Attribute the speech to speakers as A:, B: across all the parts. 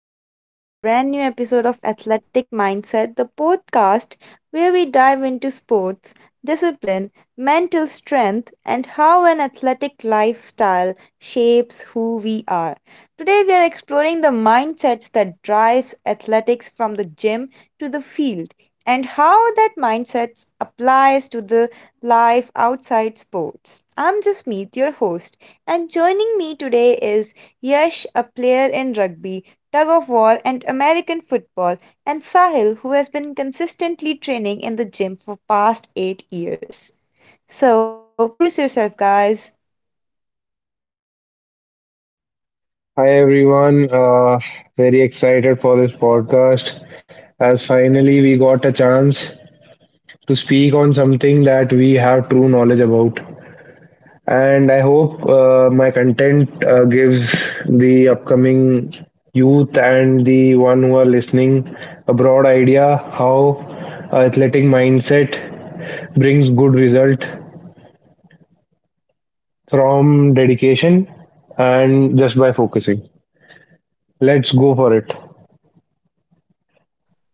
A: Welcome to the brand new episode of Athletic Mindset, the podcast where we dive into sports, discipline, mental strength, and how an athletic lifestyle shapes who we are. Today, we are exploring the mindsets that drives athletics from the gym to the field and how that mindset applies to the life outside sports. I'm Jasmeet, your host, and joining me today is Yash, a player in rugby, tug of war, and American football, and Sahil, who has been consistently training in the gym for past 8 years. So, introduce yourself, guys.
B: Hi everyone, very excited for this podcast as finally we got a chance to speak on something that we have true knowledge about. And I hope my content gives the upcoming youth and the one who are listening a broad idea how athletic mindset brings good result from dedication and just by focusing. Let's go for it.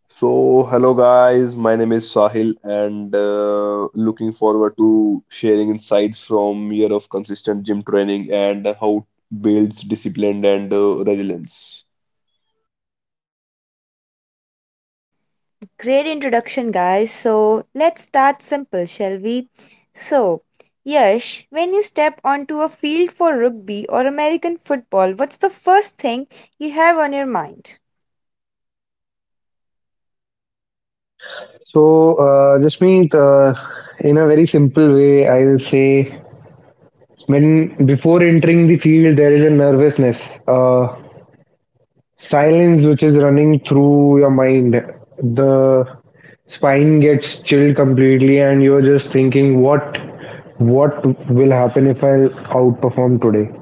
C: So, hello guys, my name is Sahil, and looking forward to sharing insights from year of consistent gym training and how it builds discipline and resilience.
A: Great introduction, guys. So, let's start simple, shall we? So, Yash, when you step onto a field for rugby or American football, what's the first thing you have on your mind?
B: Jasmeet, in a very simple way, I will say when before entering the field, there is a nervousness, uh, silence which is running through your mind. The spine gets chilled completely, and you're just thinking, what will happen if I outperform today?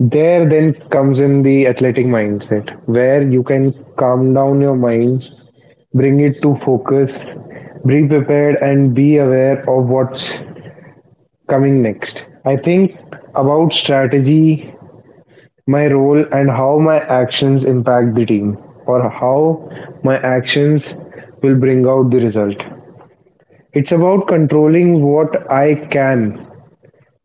B: There then comes in the athletic mindset, where you can calm down your mind, bring it to focus, be prepared and be aware of what's coming next. I think about strategy, my role and how my actions impact the team or how my actions will bring out the result. It's about controlling what I can,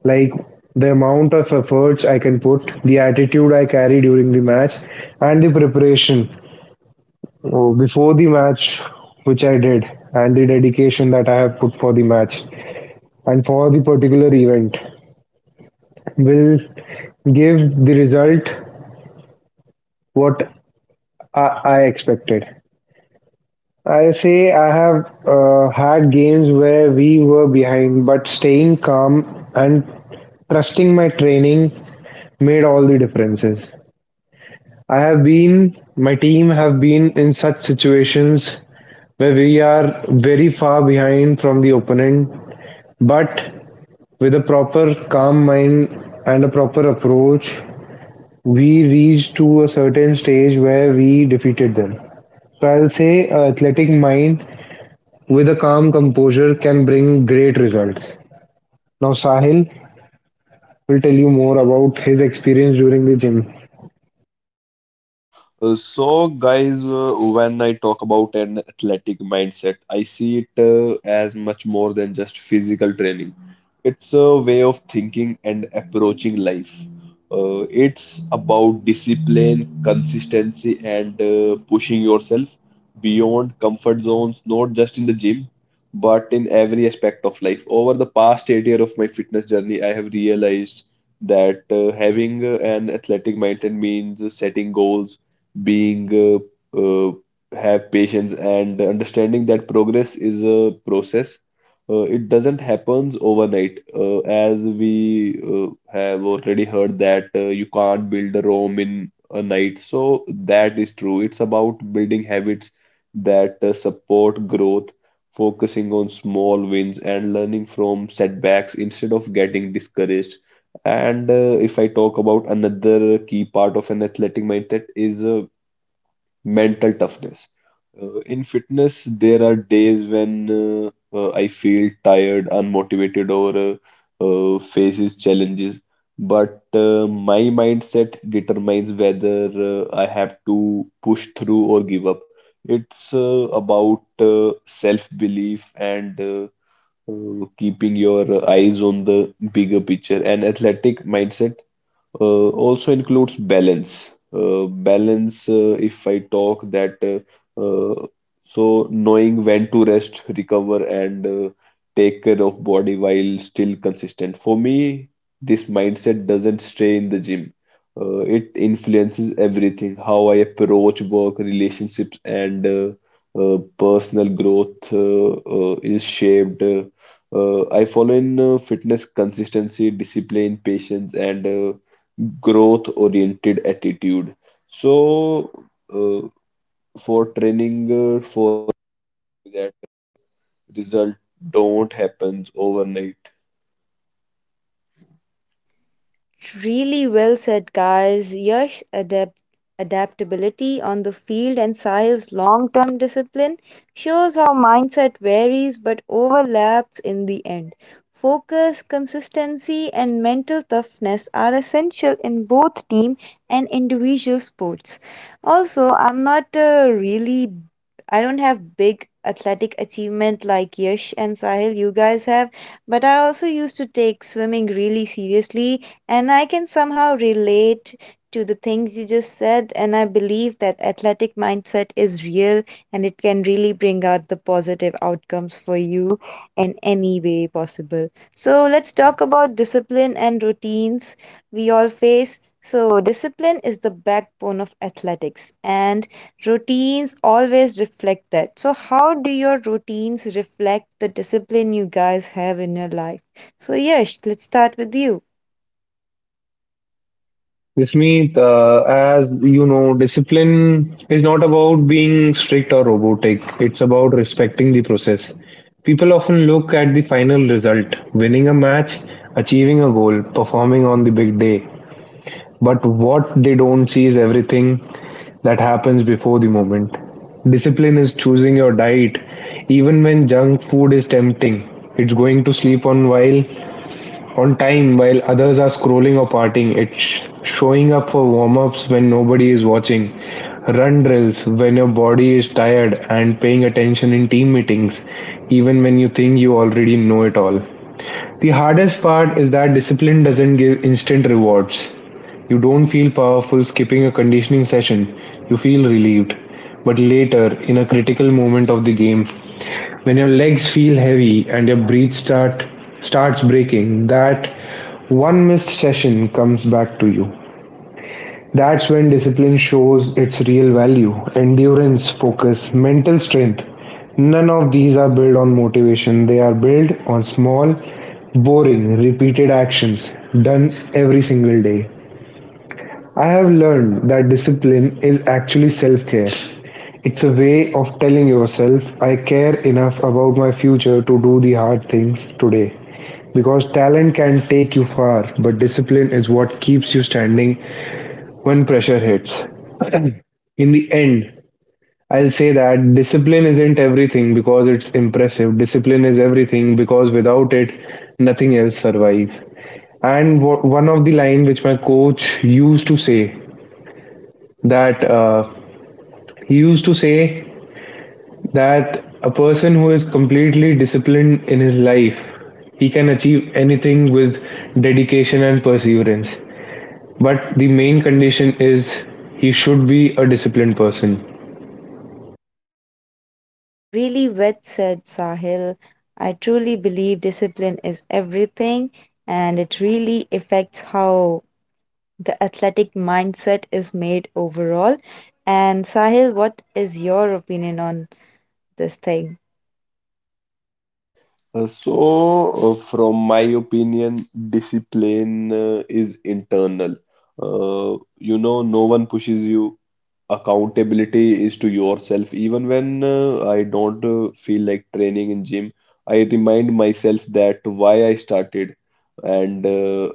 B: like the amount of efforts I can put, the attitude I carry during the match, and the preparation oh, before the match, which I did, and the dedication that I have put for the match and for the particular event will give the result what I expected. I say I have had games where we were behind, but staying calm and trusting my training made all the differences. My team have been in such situations where we are very far behind from the opponent, but with a proper calm mind and a proper approach, we reached to a certain stage where we defeated them. So I'll say a athletic mind with a calm composure can bring great results. Now Sahil will tell you more about his experience during the gym.
C: So, guys, when I talk about an athletic mindset, I see it as much more than just physical training. It's a way of thinking and approaching life. It's about discipline, consistency, and pushing yourself beyond comfort zones, not just in the gym, but in every aspect of life. Over the past 8 years of my fitness journey, I have realized that having an athletic mindset means setting goals being uh, have patience and understanding that progress is a process. It doesn't happens overnight, as we have already heard that you can't build a Rome in a night. So that is true. It's about building habits that support growth, focusing on small wins and learning from setbacks instead of getting discouraged. And if I talk about another key part of an athletic mindset is mental toughness. In fitness, there are days when I feel tired, unmotivated, or faces challenges. But my mindset determines whether I have to push through or give up. It's about self-belief and keeping your eyes on the bigger picture. An athletic mindset also includes balance. Balance, if I talk that, uh, uh, so knowing when to rest, recover, and take care of body while still consistent. For me, this mindset doesn't stay in the gym. It influences everything, how I approach work, relationships, and personal growth is shaped. I follow in fitness consistency, discipline, patience, and growth oriented attitude so uh, for training uh,
A: Really well said, guys. Adaptability on the field and Sahil's long term discipline shows how mindset varies but overlaps in the end. Focus, consistency, and mental toughness are essential in both team and individual sports. Also, I'm not really, I don't have big athletic achievement like Yash and Sahil, you guys have, but I also used to take swimming really seriously and I can somehow relate to the things you just said. And I believe that athletic mindset is real and it can really bring out the positive outcomes for you in any way possible. So, let's talk about discipline and routines we all face. So, discipline is the backbone of athletics, and routines always reflect that. So, how do your routines reflect the discipline you guys have in your life? So, Yash, let's start with you.
B: Smith, as you know, discipline is not about being strict or robotic. It's about respecting the process. People often look at the final result, winning a match, achieving a goal, performing on the big day. But what they don't see is everything that happens before the moment. Discipline is choosing your diet. Even when junk food is tempting, it's going to sleep on while on time while others are scrolling or partying. It's showing up for warm ups when nobody is watching, run drills when your body is tired, and paying attention in team meetings, even when you think you already know it all. The hardest part is that discipline doesn't give instant rewards. You don't feel powerful skipping a conditioning session, you feel relieved. But later, in a critical moment of the game, when your legs feel heavy and your breath starts breaking, that one missed session comes back to you. That's when discipline shows its real value. Endurance, focus, mental strength, none of these are built on motivation. They are built on small, boring, repeated actions done every single day. I have learned that discipline is actually self care. It's a way of telling yourself, I care enough about my future to do the hard things today. Because talent can take you far, but discipline is what keeps you standing when pressure hits. In the end, I'll say that discipline isn't everything because it's impressive. Discipline is everything because without it, nothing else survives. And one of the line which my coach used to say that he used to say a person who is completely disciplined in his life, he can achieve anything with dedication and perseverance. But the main condition is he should be a disciplined person.
A: Really well said, Sahil. I truly believe discipline is everything, and it really affects how the athletic mindset is made overall. And, Sahil, what is your opinion on this thing?
C: From my opinion, discipline is internal. You know, no one pushes you. Accountability is to yourself. Even when I don't feel like training in gym, I remind myself that why I started, and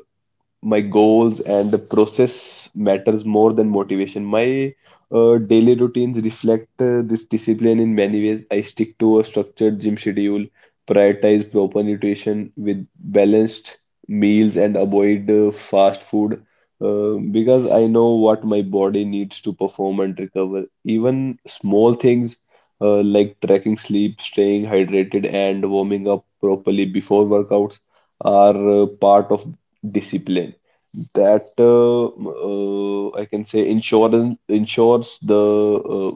C: my goals and the process matters more than motivation. My daily routines reflect this discipline in many ways. I stick to a structured gym schedule, prioritize proper nutrition with balanced meals, and avoid fast food because I know what my body needs to perform and recover. Even small things like tracking sleep, staying hydrated, and warming up properly before workouts are part of discipline that I can say insurance ensures the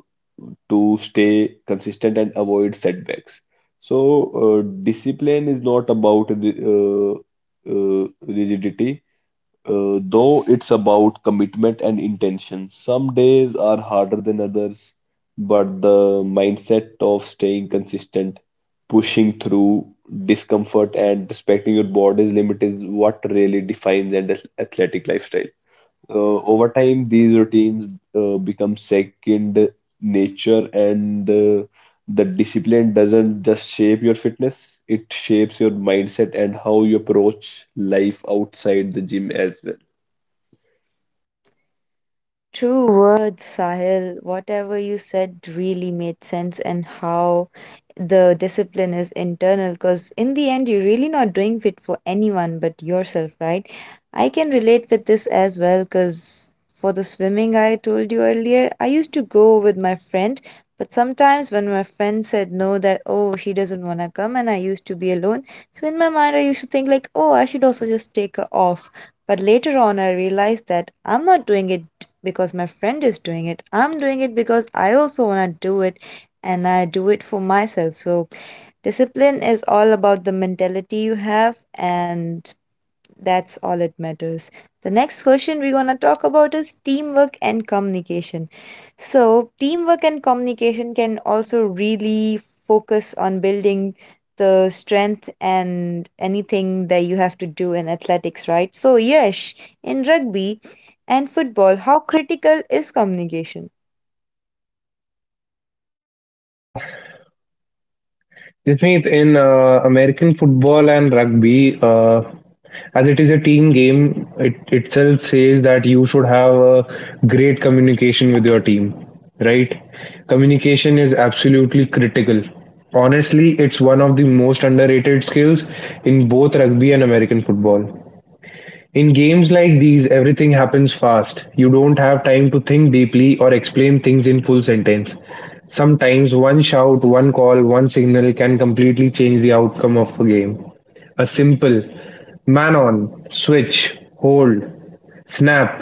C: to stay consistent and avoid setbacks. So discipline is not about rigidity. Though it's about commitment and intention. Some days are harder than others, but the mindset of staying consistent, pushing through discomfort, and respecting your body's limit is what really defines an athletic lifestyle. Over time, these routines become second nature, and the discipline doesn't just shape your fitness, it shapes your mindset and how you approach life outside the gym as well.
A: True words, Sahil. Whatever you said really made sense, and how the discipline is internal. Because in the end, you're really not doing it for anyone but yourself, right? I can relate with this as well. Because for the swimming I told you earlier, I used to go with my friend. But sometimes when my friend said no, that oh, she doesn't want to come, and I used to be alone. So in my mind, I used to think, like, oh, I should also just take her off. But later on, I realized that I'm not doing it because my friend is doing it. I'm doing it because I also want to do it and I do it for myself. So, discipline is all about the mentality you have and that's all it matters. The next question we're going to talk about is teamwork and communication. So, teamwork and communication can also really focus on building the strength and anything that you have to do in athletics, right? So, yes, in rugby and football, how critical is communication?
B: Uh, Smith, in American football and rugby, as it is a team game, it itself says that you should have a great communication with your team, right? Communication is absolutely critical. Honestly, it's one of the most underrated skills in both rugby and American football. In games like these, everything happens fast. You don't have time to think deeply or explain things in full sentence. Sometimes one shout, one call, one signal can completely change the outcome of a game. A simple man on, switch, hold, snap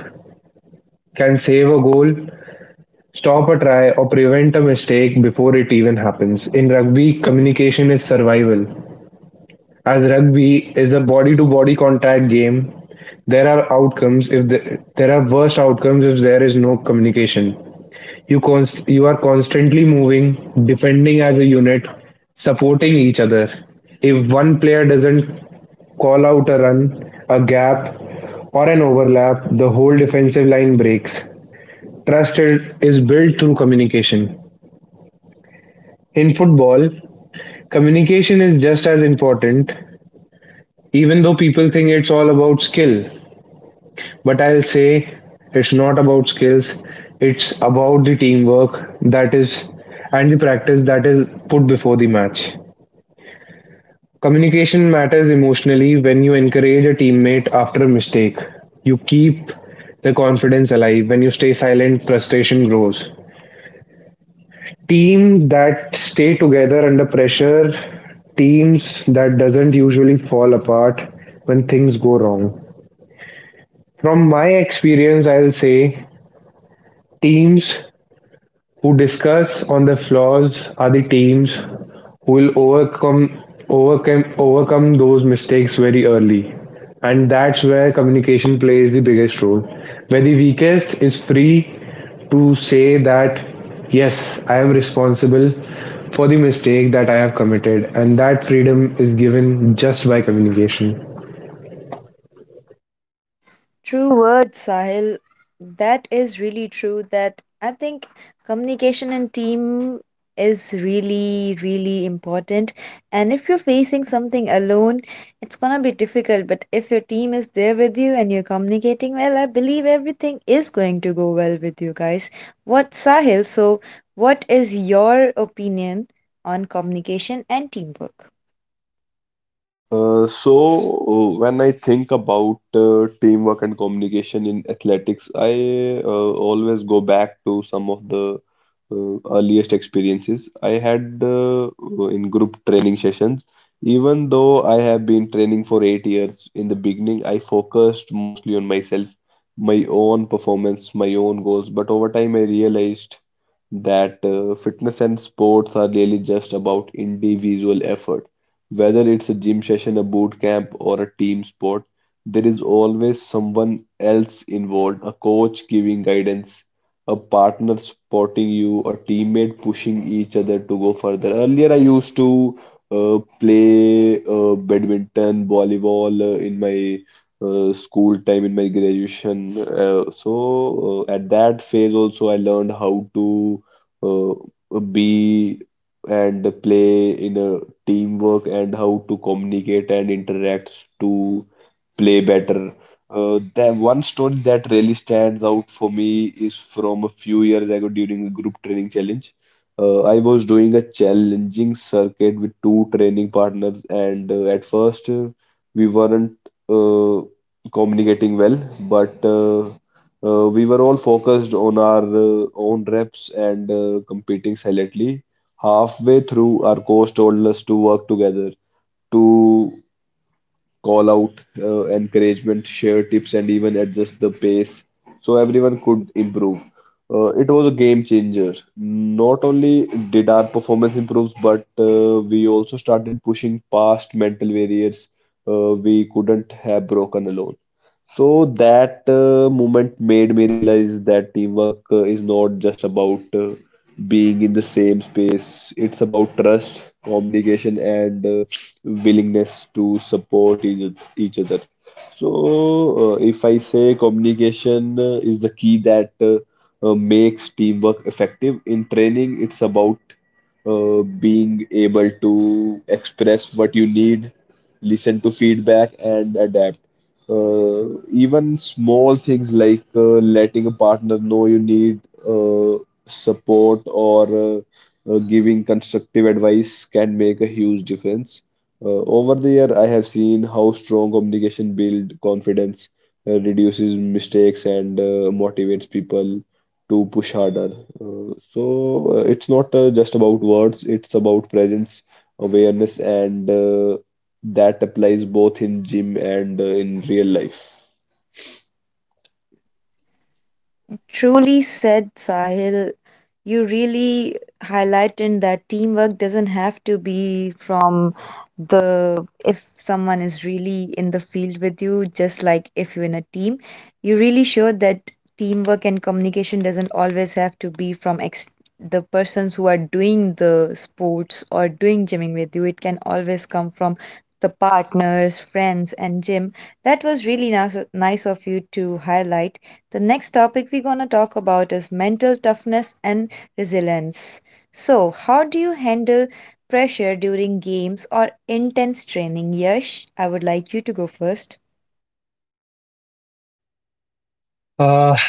B: can save a goal, stop a try, or prevent a mistake before it even happens. In rugby, communication is survival. As rugby is a body-to-body contact game, there are outcomes if there are worst outcomes if there is no communication. You are constantly moving, defending as a unit, supporting each other. If one player doesn't call out a run, a gap, or an overlap, the whole defensive line breaks. Trust is built through communication. In football, communication is just as important, even though people think it's all about skill. But I'll say it's not about skills, it's about the teamwork that is and the practice that is put before the match. Communication matters emotionally. When you encourage a teammate after a mistake, you keep the confidence alive. When you stay silent, frustration grows. Teams that stay together under pressure, teams that doesn't usually fall apart when things go wrong. From my experience, I'll say teams who discuss on the flaws are the teams who will overcome those mistakes very early. And that's where communication plays the biggest role. Where the weakest is free to say that yes, I am responsible for the mistake that I have committed, and that freedom is given just by communication.
A: True words, Sahil. That is really true. That I think communication and team is really, really important. And if you're facing something alone, it's gonna be difficult. But if your team is there with you and you're communicating well, I believe everything is going to go well with you guys. What, Sahil? So, what is your opinion on communication and teamwork?
C: Uh, so, when I think about teamwork and communication in athletics, I always go back to some of the earliest experiences I had in group training sessions. Even though I have been training for 8 years, in the beginning, I focused mostly on myself, my own performance, my own goals. But over time, I realized that fitness and sports are really just about individual effort. Whether it's a gym session, a boot camp, or a team sport, there is always someone else involved, a coach giving guidance, a partner supporting you, a teammate pushing each other to go further. Earlier, I used to play badminton, volleyball in my school time in my graduation. At that phase also, I learned how to uh, be and play in a teamwork and how to communicate and interact to play better. The one story that really stands out for me is from a few years ago during a group training challenge. I was doing a challenging circuit with two training partners, and at first we weren't uh, communicating well, but we were all focused on our own reps and competing silently. Halfway through, our coach told us to work together to call out, encouragement, share tips, and even adjust the pace so everyone could improve. It was a game changer. Not only did our performance improve, but we also started pushing past mental barriers we couldn't have broken alone. So that moment made me realize that teamwork is not just about being in the same space. It's about trust, communication, and willingness to support each other. So, if I say communication is the key that makes teamwork effective in training, it's about being able to express what you need, listen to feedback, and adapt even small things like letting a partner know you need support or giving constructive advice can make a huge difference. Over the year, I have seen how strong communication builds confidence, reduces mistakes, and motivates people to push harder. It's not just about words, it's about presence, awareness, and that applies both in gym and in real life.
A: Truly said, Sahil. You really highlighted that teamwork doesn't have to be from the if someone is really in the field with you, just like if you're in a team. You really showed that teamwork and communication doesn't always have to be from the persons who are doing the sports or doing gymming with you. It can always come from the partners, friends, and gym. That was really nice, nice of you to highlight. The next topic we're going to talk about is mental toughness and resilience. So, how do you handle pressure during games or intense training? Yash, I would like you to go first.
B: Uh,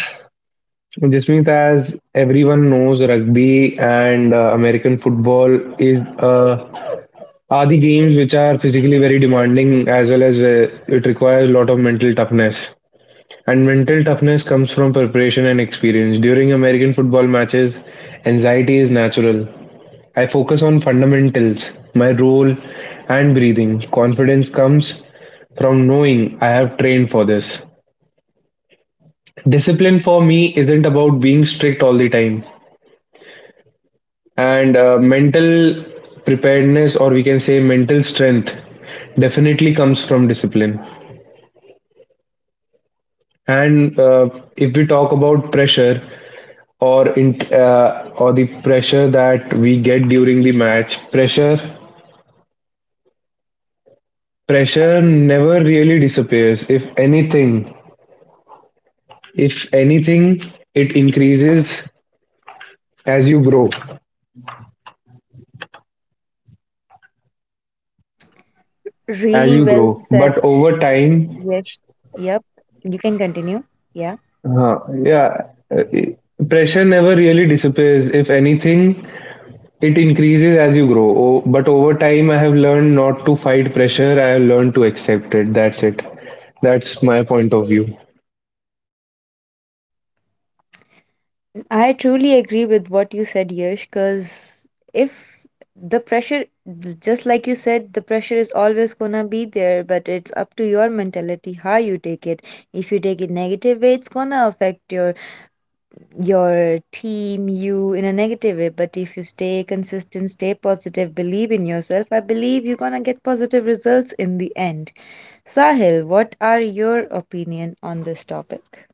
B: Jasmeet, as everyone knows, rugby and American football is a are the games which are physically very demanding as well as it requires a lot of mental toughness. And mental toughness comes from preparation and experience. During American football matches, anxiety is natural. I focus on fundamentals, my role, and breathing. Confidence comes from knowing I have trained for this. Discipline for me isn't about being strict all the time. And mental preparedness, or we can say mental strength, definitely comes from discipline. And if we talk about pressure or or the pressure that we get during the match, pressure never really disappears. If anything, it increases as you grow, as
A: Really
B: you
A: well
B: grow.
A: said,
B: But over time,
A: Yash. Yep, you can continue. Yeah.
B: uh, yeah, uh, pressure never really disappears. If anything, it increases as you grow, but over time, I have learned not to fight pressure. I have learned to accept it. That's it. That's my point of view.
A: I truly agree with what you said, Yash, because if the pressure, just like you said, the pressure is always gonna be there, but it's up to your mentality how you take it. If you take it negative way, it's gonna affect your team, you in a negative way. But if you stay consistent, stay positive, believe in yourself, I believe you're gonna get positive results in the end. Sahil, what are your opinion on this topic?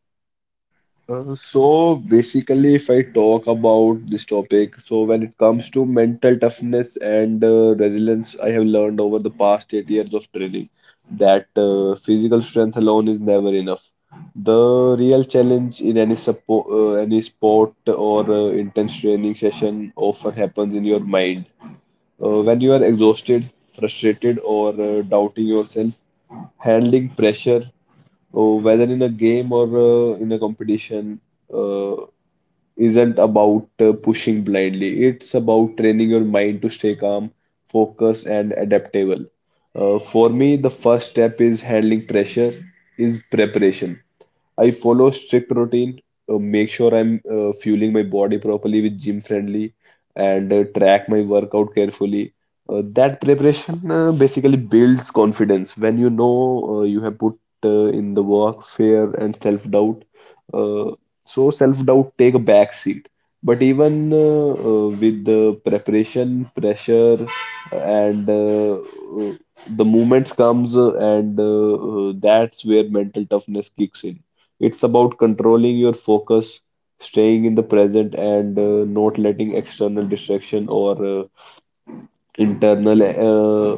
C: Basically, if I talk about this topic, so when it comes to mental toughness and resilience, I have learned over the past 8 years of training that physical strength alone is never enough. The real challenge in any any sport or intense training session often happens in your mind. When you are exhausted, frustrated, or doubting yourself, handling pressure oh, whether in a game or in a competition, uh, isn't about pushing blindly. It's about training your mind to stay calm, focused, and adaptable. For me, the first step is handling pressure, is preparation. I follow strict routine, make sure I'm fueling my body properly with gym friendly, and track my workout carefully. That preparation basically builds confidence. When you know you have put in the work, fear and self-doubt. Uh, so self-doubt take a back seat. But even with the preparation, pressure, and the moments comes and that's where mental toughness kicks in. It's about controlling your focus, staying in the present, and not letting external distraction or internal uh,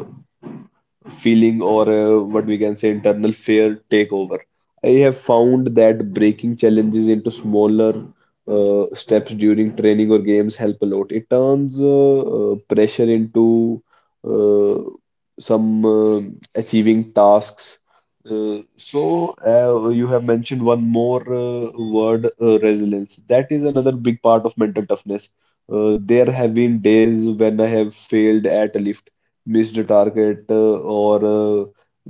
C: feeling or what we can say internal fear take over. I have found that breaking challenges into smaller steps during training or games help a lot. It turns pressure into uh, some achieving tasks. You have mentioned one more word, resilience. That is another big part of mental toughness. There have been days when I have failed at a lift, missed a target, uh, or uh,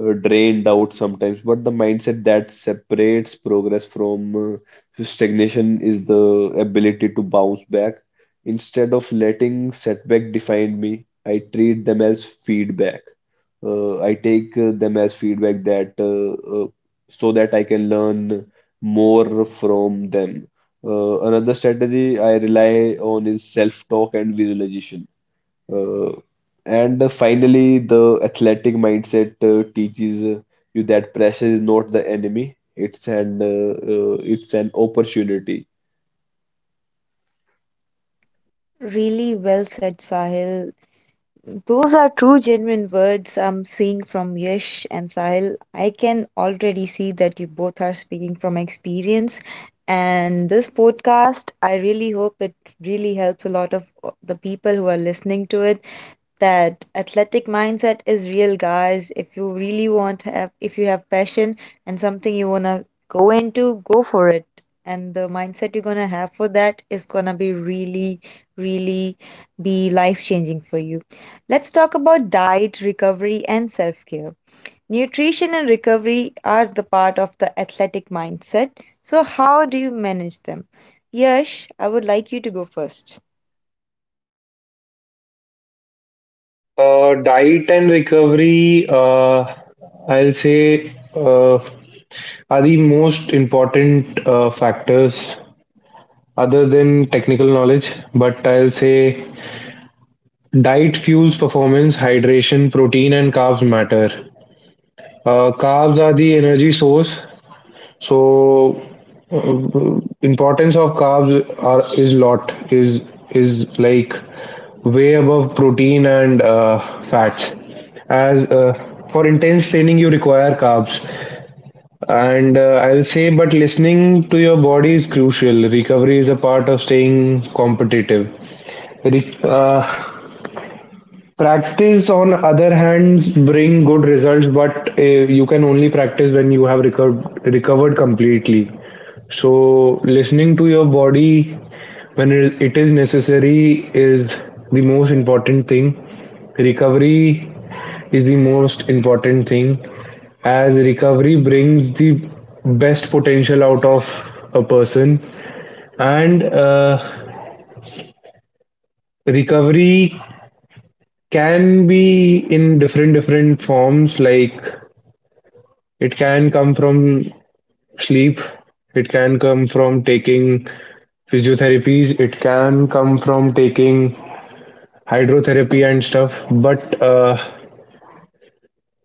C: uh, drained out sometimes. But the mindset that separates progress from stagnation is the ability to bounce back. Instead of letting setback define me, I treat them as feedback. I take them as feedback that so that I can learn more from them. Another strategy I rely on is self-talk and visualization. Uh, and Finally, the athletic mindset teaches you that pressure is not the enemy, it's an opportunity.
A: Really well said, Sahil. Those are true, genuine words I'm seeing from Yash and Sahil. I can already see that you both are speaking from experience. And this podcast, I really hope it really helps a lot of the people who are listening to it, that athletic mindset is real, guys. If you really want to have, if you have passion and something you want to go into, go for it, and the mindset you're going to have for that is going to be really, really be life changing for you. Let's talk about diet, recovery, and self care. Nutrition and recovery are the part of the athletic mindset. So how do you manage them? Yash, I would like you to go first.
B: Diet and recovery, I'll say, are the most important factors other than technical knowledge. But I'll say diet fuels performance, hydration, protein, and carbs matter. Carbs are the energy source, so importance of carbs are is lot is like way above protein and fats. As for intense training, you require carbs, and I'll say, but listening to your body is crucial. Recovery is a part of staying competitive. Re- uh, Practice, on other hands, bring good results, but you can only practice when you have recovered completely. So, listening to your body when it is necessary is the most important thing. Recovery is the most important thing, as recovery brings the best potential out of a person, and recovery can be in different different forms, like it can come from sleep, it can come from taking physiotherapies, it can come from taking hydrotherapy and stuff. But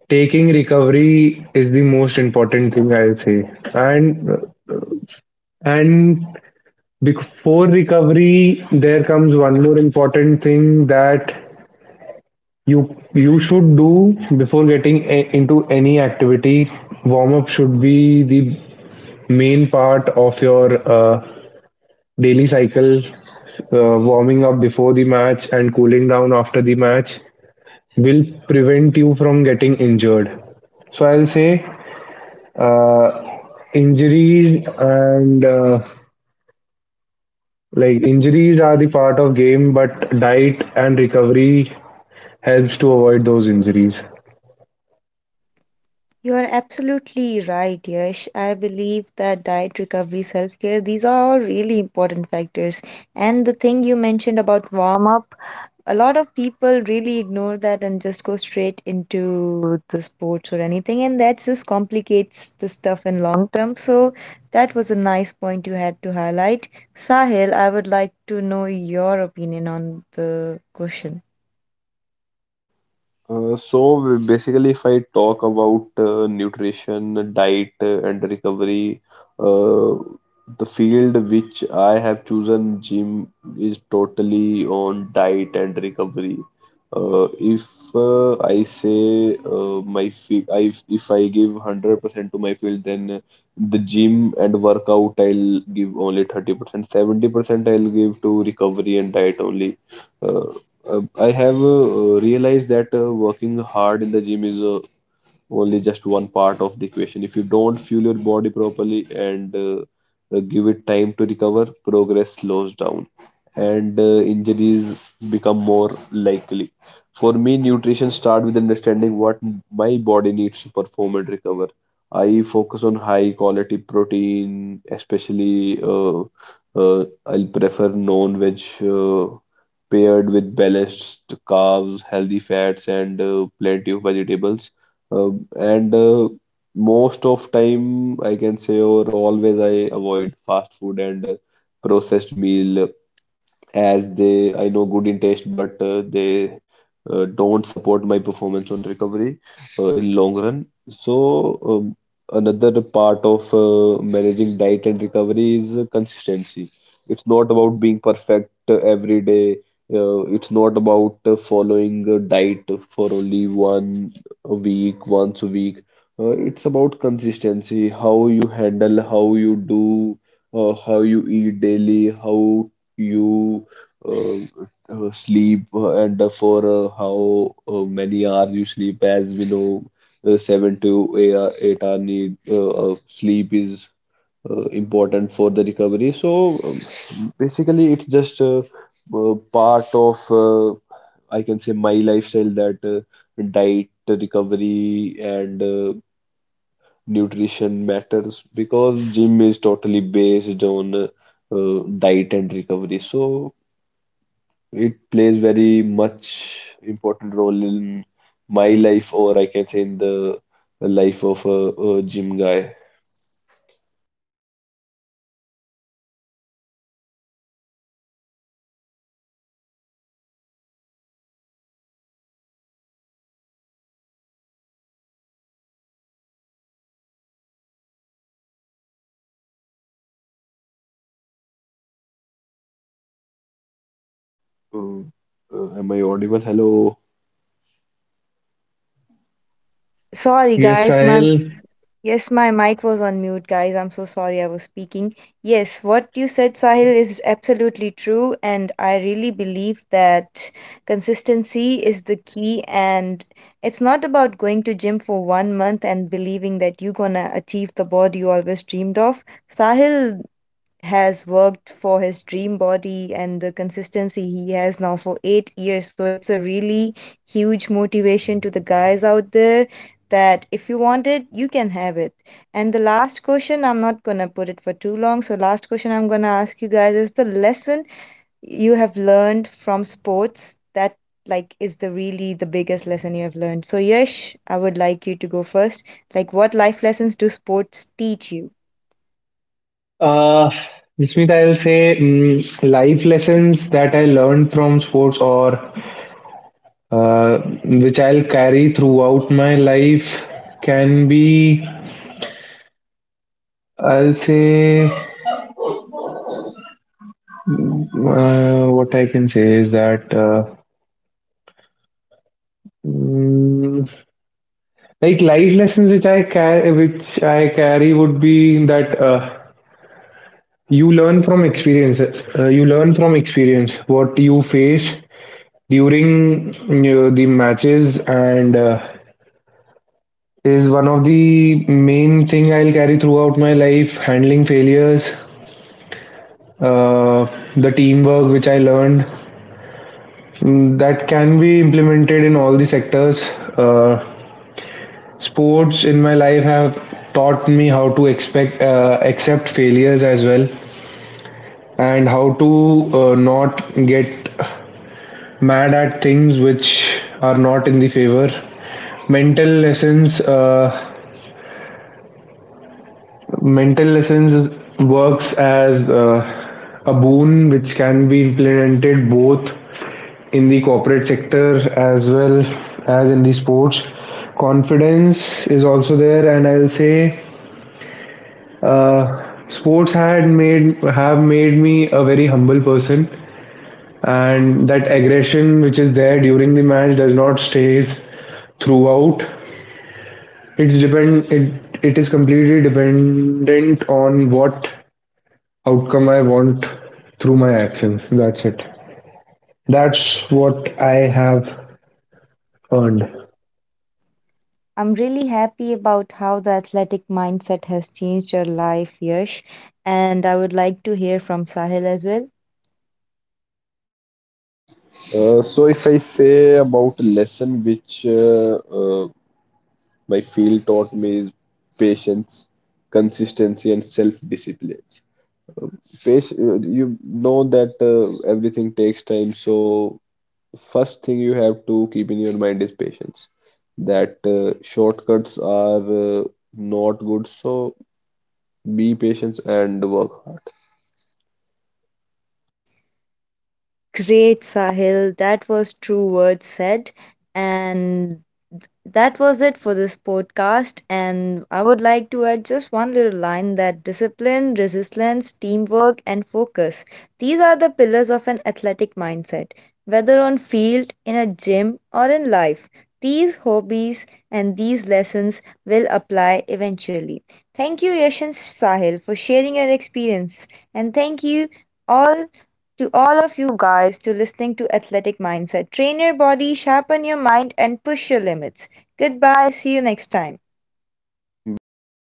B: taking recovery is the most important thing, I'll say. And and before recovery there comes one more important thing that you should do before getting into any activity. Warm-up should be the main part of your uh, daily cycle. Warming up before the match and cooling down after the match will prevent you from getting injured. So I'll say uh, injuries and like injuries are the part of game, but diet and recovery helps to avoid those injuries.
A: You are absolutely right, Yash. I believe that diet recovery, self care, these are all really important factors. And the thing you mentioned about warm up, a lot of people really ignore that and just go straight into the sports or anything. And that just complicates the stuff in long term. So that was a nice point you had to highlight. Sahil, I would like to know your opinion on the question.
C: Basically, if I talk about nutrition, diet, and recovery, uh, the field which I have chosen, gym, is totally on diet and recovery. Uh, if I say my if I give 100% to my field, then the gym and workout I'll give only 30%, 70% I'll give to recovery and diet only. Uh, I have realized that working hard in the gym is only just one part of the equation. If you don't fuel your body properly and give it time to recover, progress slows down and injuries become more likely. For me, nutrition starts with understanding what my body needs to perform and recover. I focus on high quality protein, especially I'll prefer non-veg paired with balanced carbs, healthy fats, and plenty of vegetables. And Most of time I can say or always I avoid fast food and processed meal as they I know good in taste, but they don't support my performance on recovery in long run. So another part of managing diet and recovery is consistency. It's not about being perfect every day. It's not about following a diet for only one a week, once a week. It's about consistency, how you handle, how you do, how you eat daily, how you uh, sleep and for how many hours you sleep. As we know, 7 to 8 hour need of sleep is important for the recovery. So basically, it's just part of I can say my lifestyle that diet recovery and nutrition matters because gym is totally based on diet and recovery. So it plays very much important role in my life, or I can say in the life of a gym guy. Uh, am I audible? Hello.
A: Sorry,
B: Yes,
A: guys, my—
B: Sahil.
A: Yes, my mic was on mute, guys. I'm so sorry I was speaking. Yes, what you said, Sahil, is absolutely true. And I really believe that consistency is the key. And it's not about going to gym for 1 month and believing that you're gonna achieve the body you always dreamed of. Sahil has worked for his dream body and the consistency he has now for 8 years. So it's a really huge motivation to the guys out there that if you want it, you can have it. And the last question, I'm not gonna put it for too long. So, last question I'm gonna ask you guys is the lesson you have learned from sports that, like, is the really the biggest lesson you have learned. So, Yesh, I would like you to go first. Like, what life lessons do sports teach you?
B: Uh, Smith, I'll say life lessons that I learned from sports or uh, which I'll carry throughout my life can be, I'll say, what I can say is that mm, like life lessons which I carry would be that you learn from experience. You learn from experience what you face during, you know, the matches and. Is one of the main thing I'll carry throughout my life. Handling failures, uh, the teamwork which I learned, that can be implemented in all the sectors. Uh, sports in my life have taught me how to expect accept failures as well and how to not get mad at things which are not in the favor. mental lessons uh, Mental lessons works as a boon which can be implemented both in the corporate sector as well as in the sports. Confidence is also there, and I'll say sports had made have made me a very humble person, and that aggression which is there during the match does not stays throughout. It is completely dependent on what outcome I want through my actions. That's it. That's what I have earned.
A: I'm really happy about how the athletic mindset has changed your life, Yash. And I would like to hear from Sahil as well.
C: So if I say about a lesson which my field taught me is patience, consistency, and self-discipline. Pace, you know that everything takes time, so first thing you have to keep in your mind is patience. That shortcuts are not good, so be patient and work hard.
A: Great, Sahil. That was true words said. And that was it for this podcast. And I would like to add just one little line that discipline, resilience, teamwork, and focus. These are the pillars of an athletic mindset, whether on field, in a gym, or in life. These hobbies and these lessons will apply eventually. Thank you, Yash and Sahil, for sharing your experience. And thank you all, to all of you guys, to listening to athletic mindset. Train your body, sharpen your mind, and push your limits. Goodbye, see you next time.
C: Bye bye.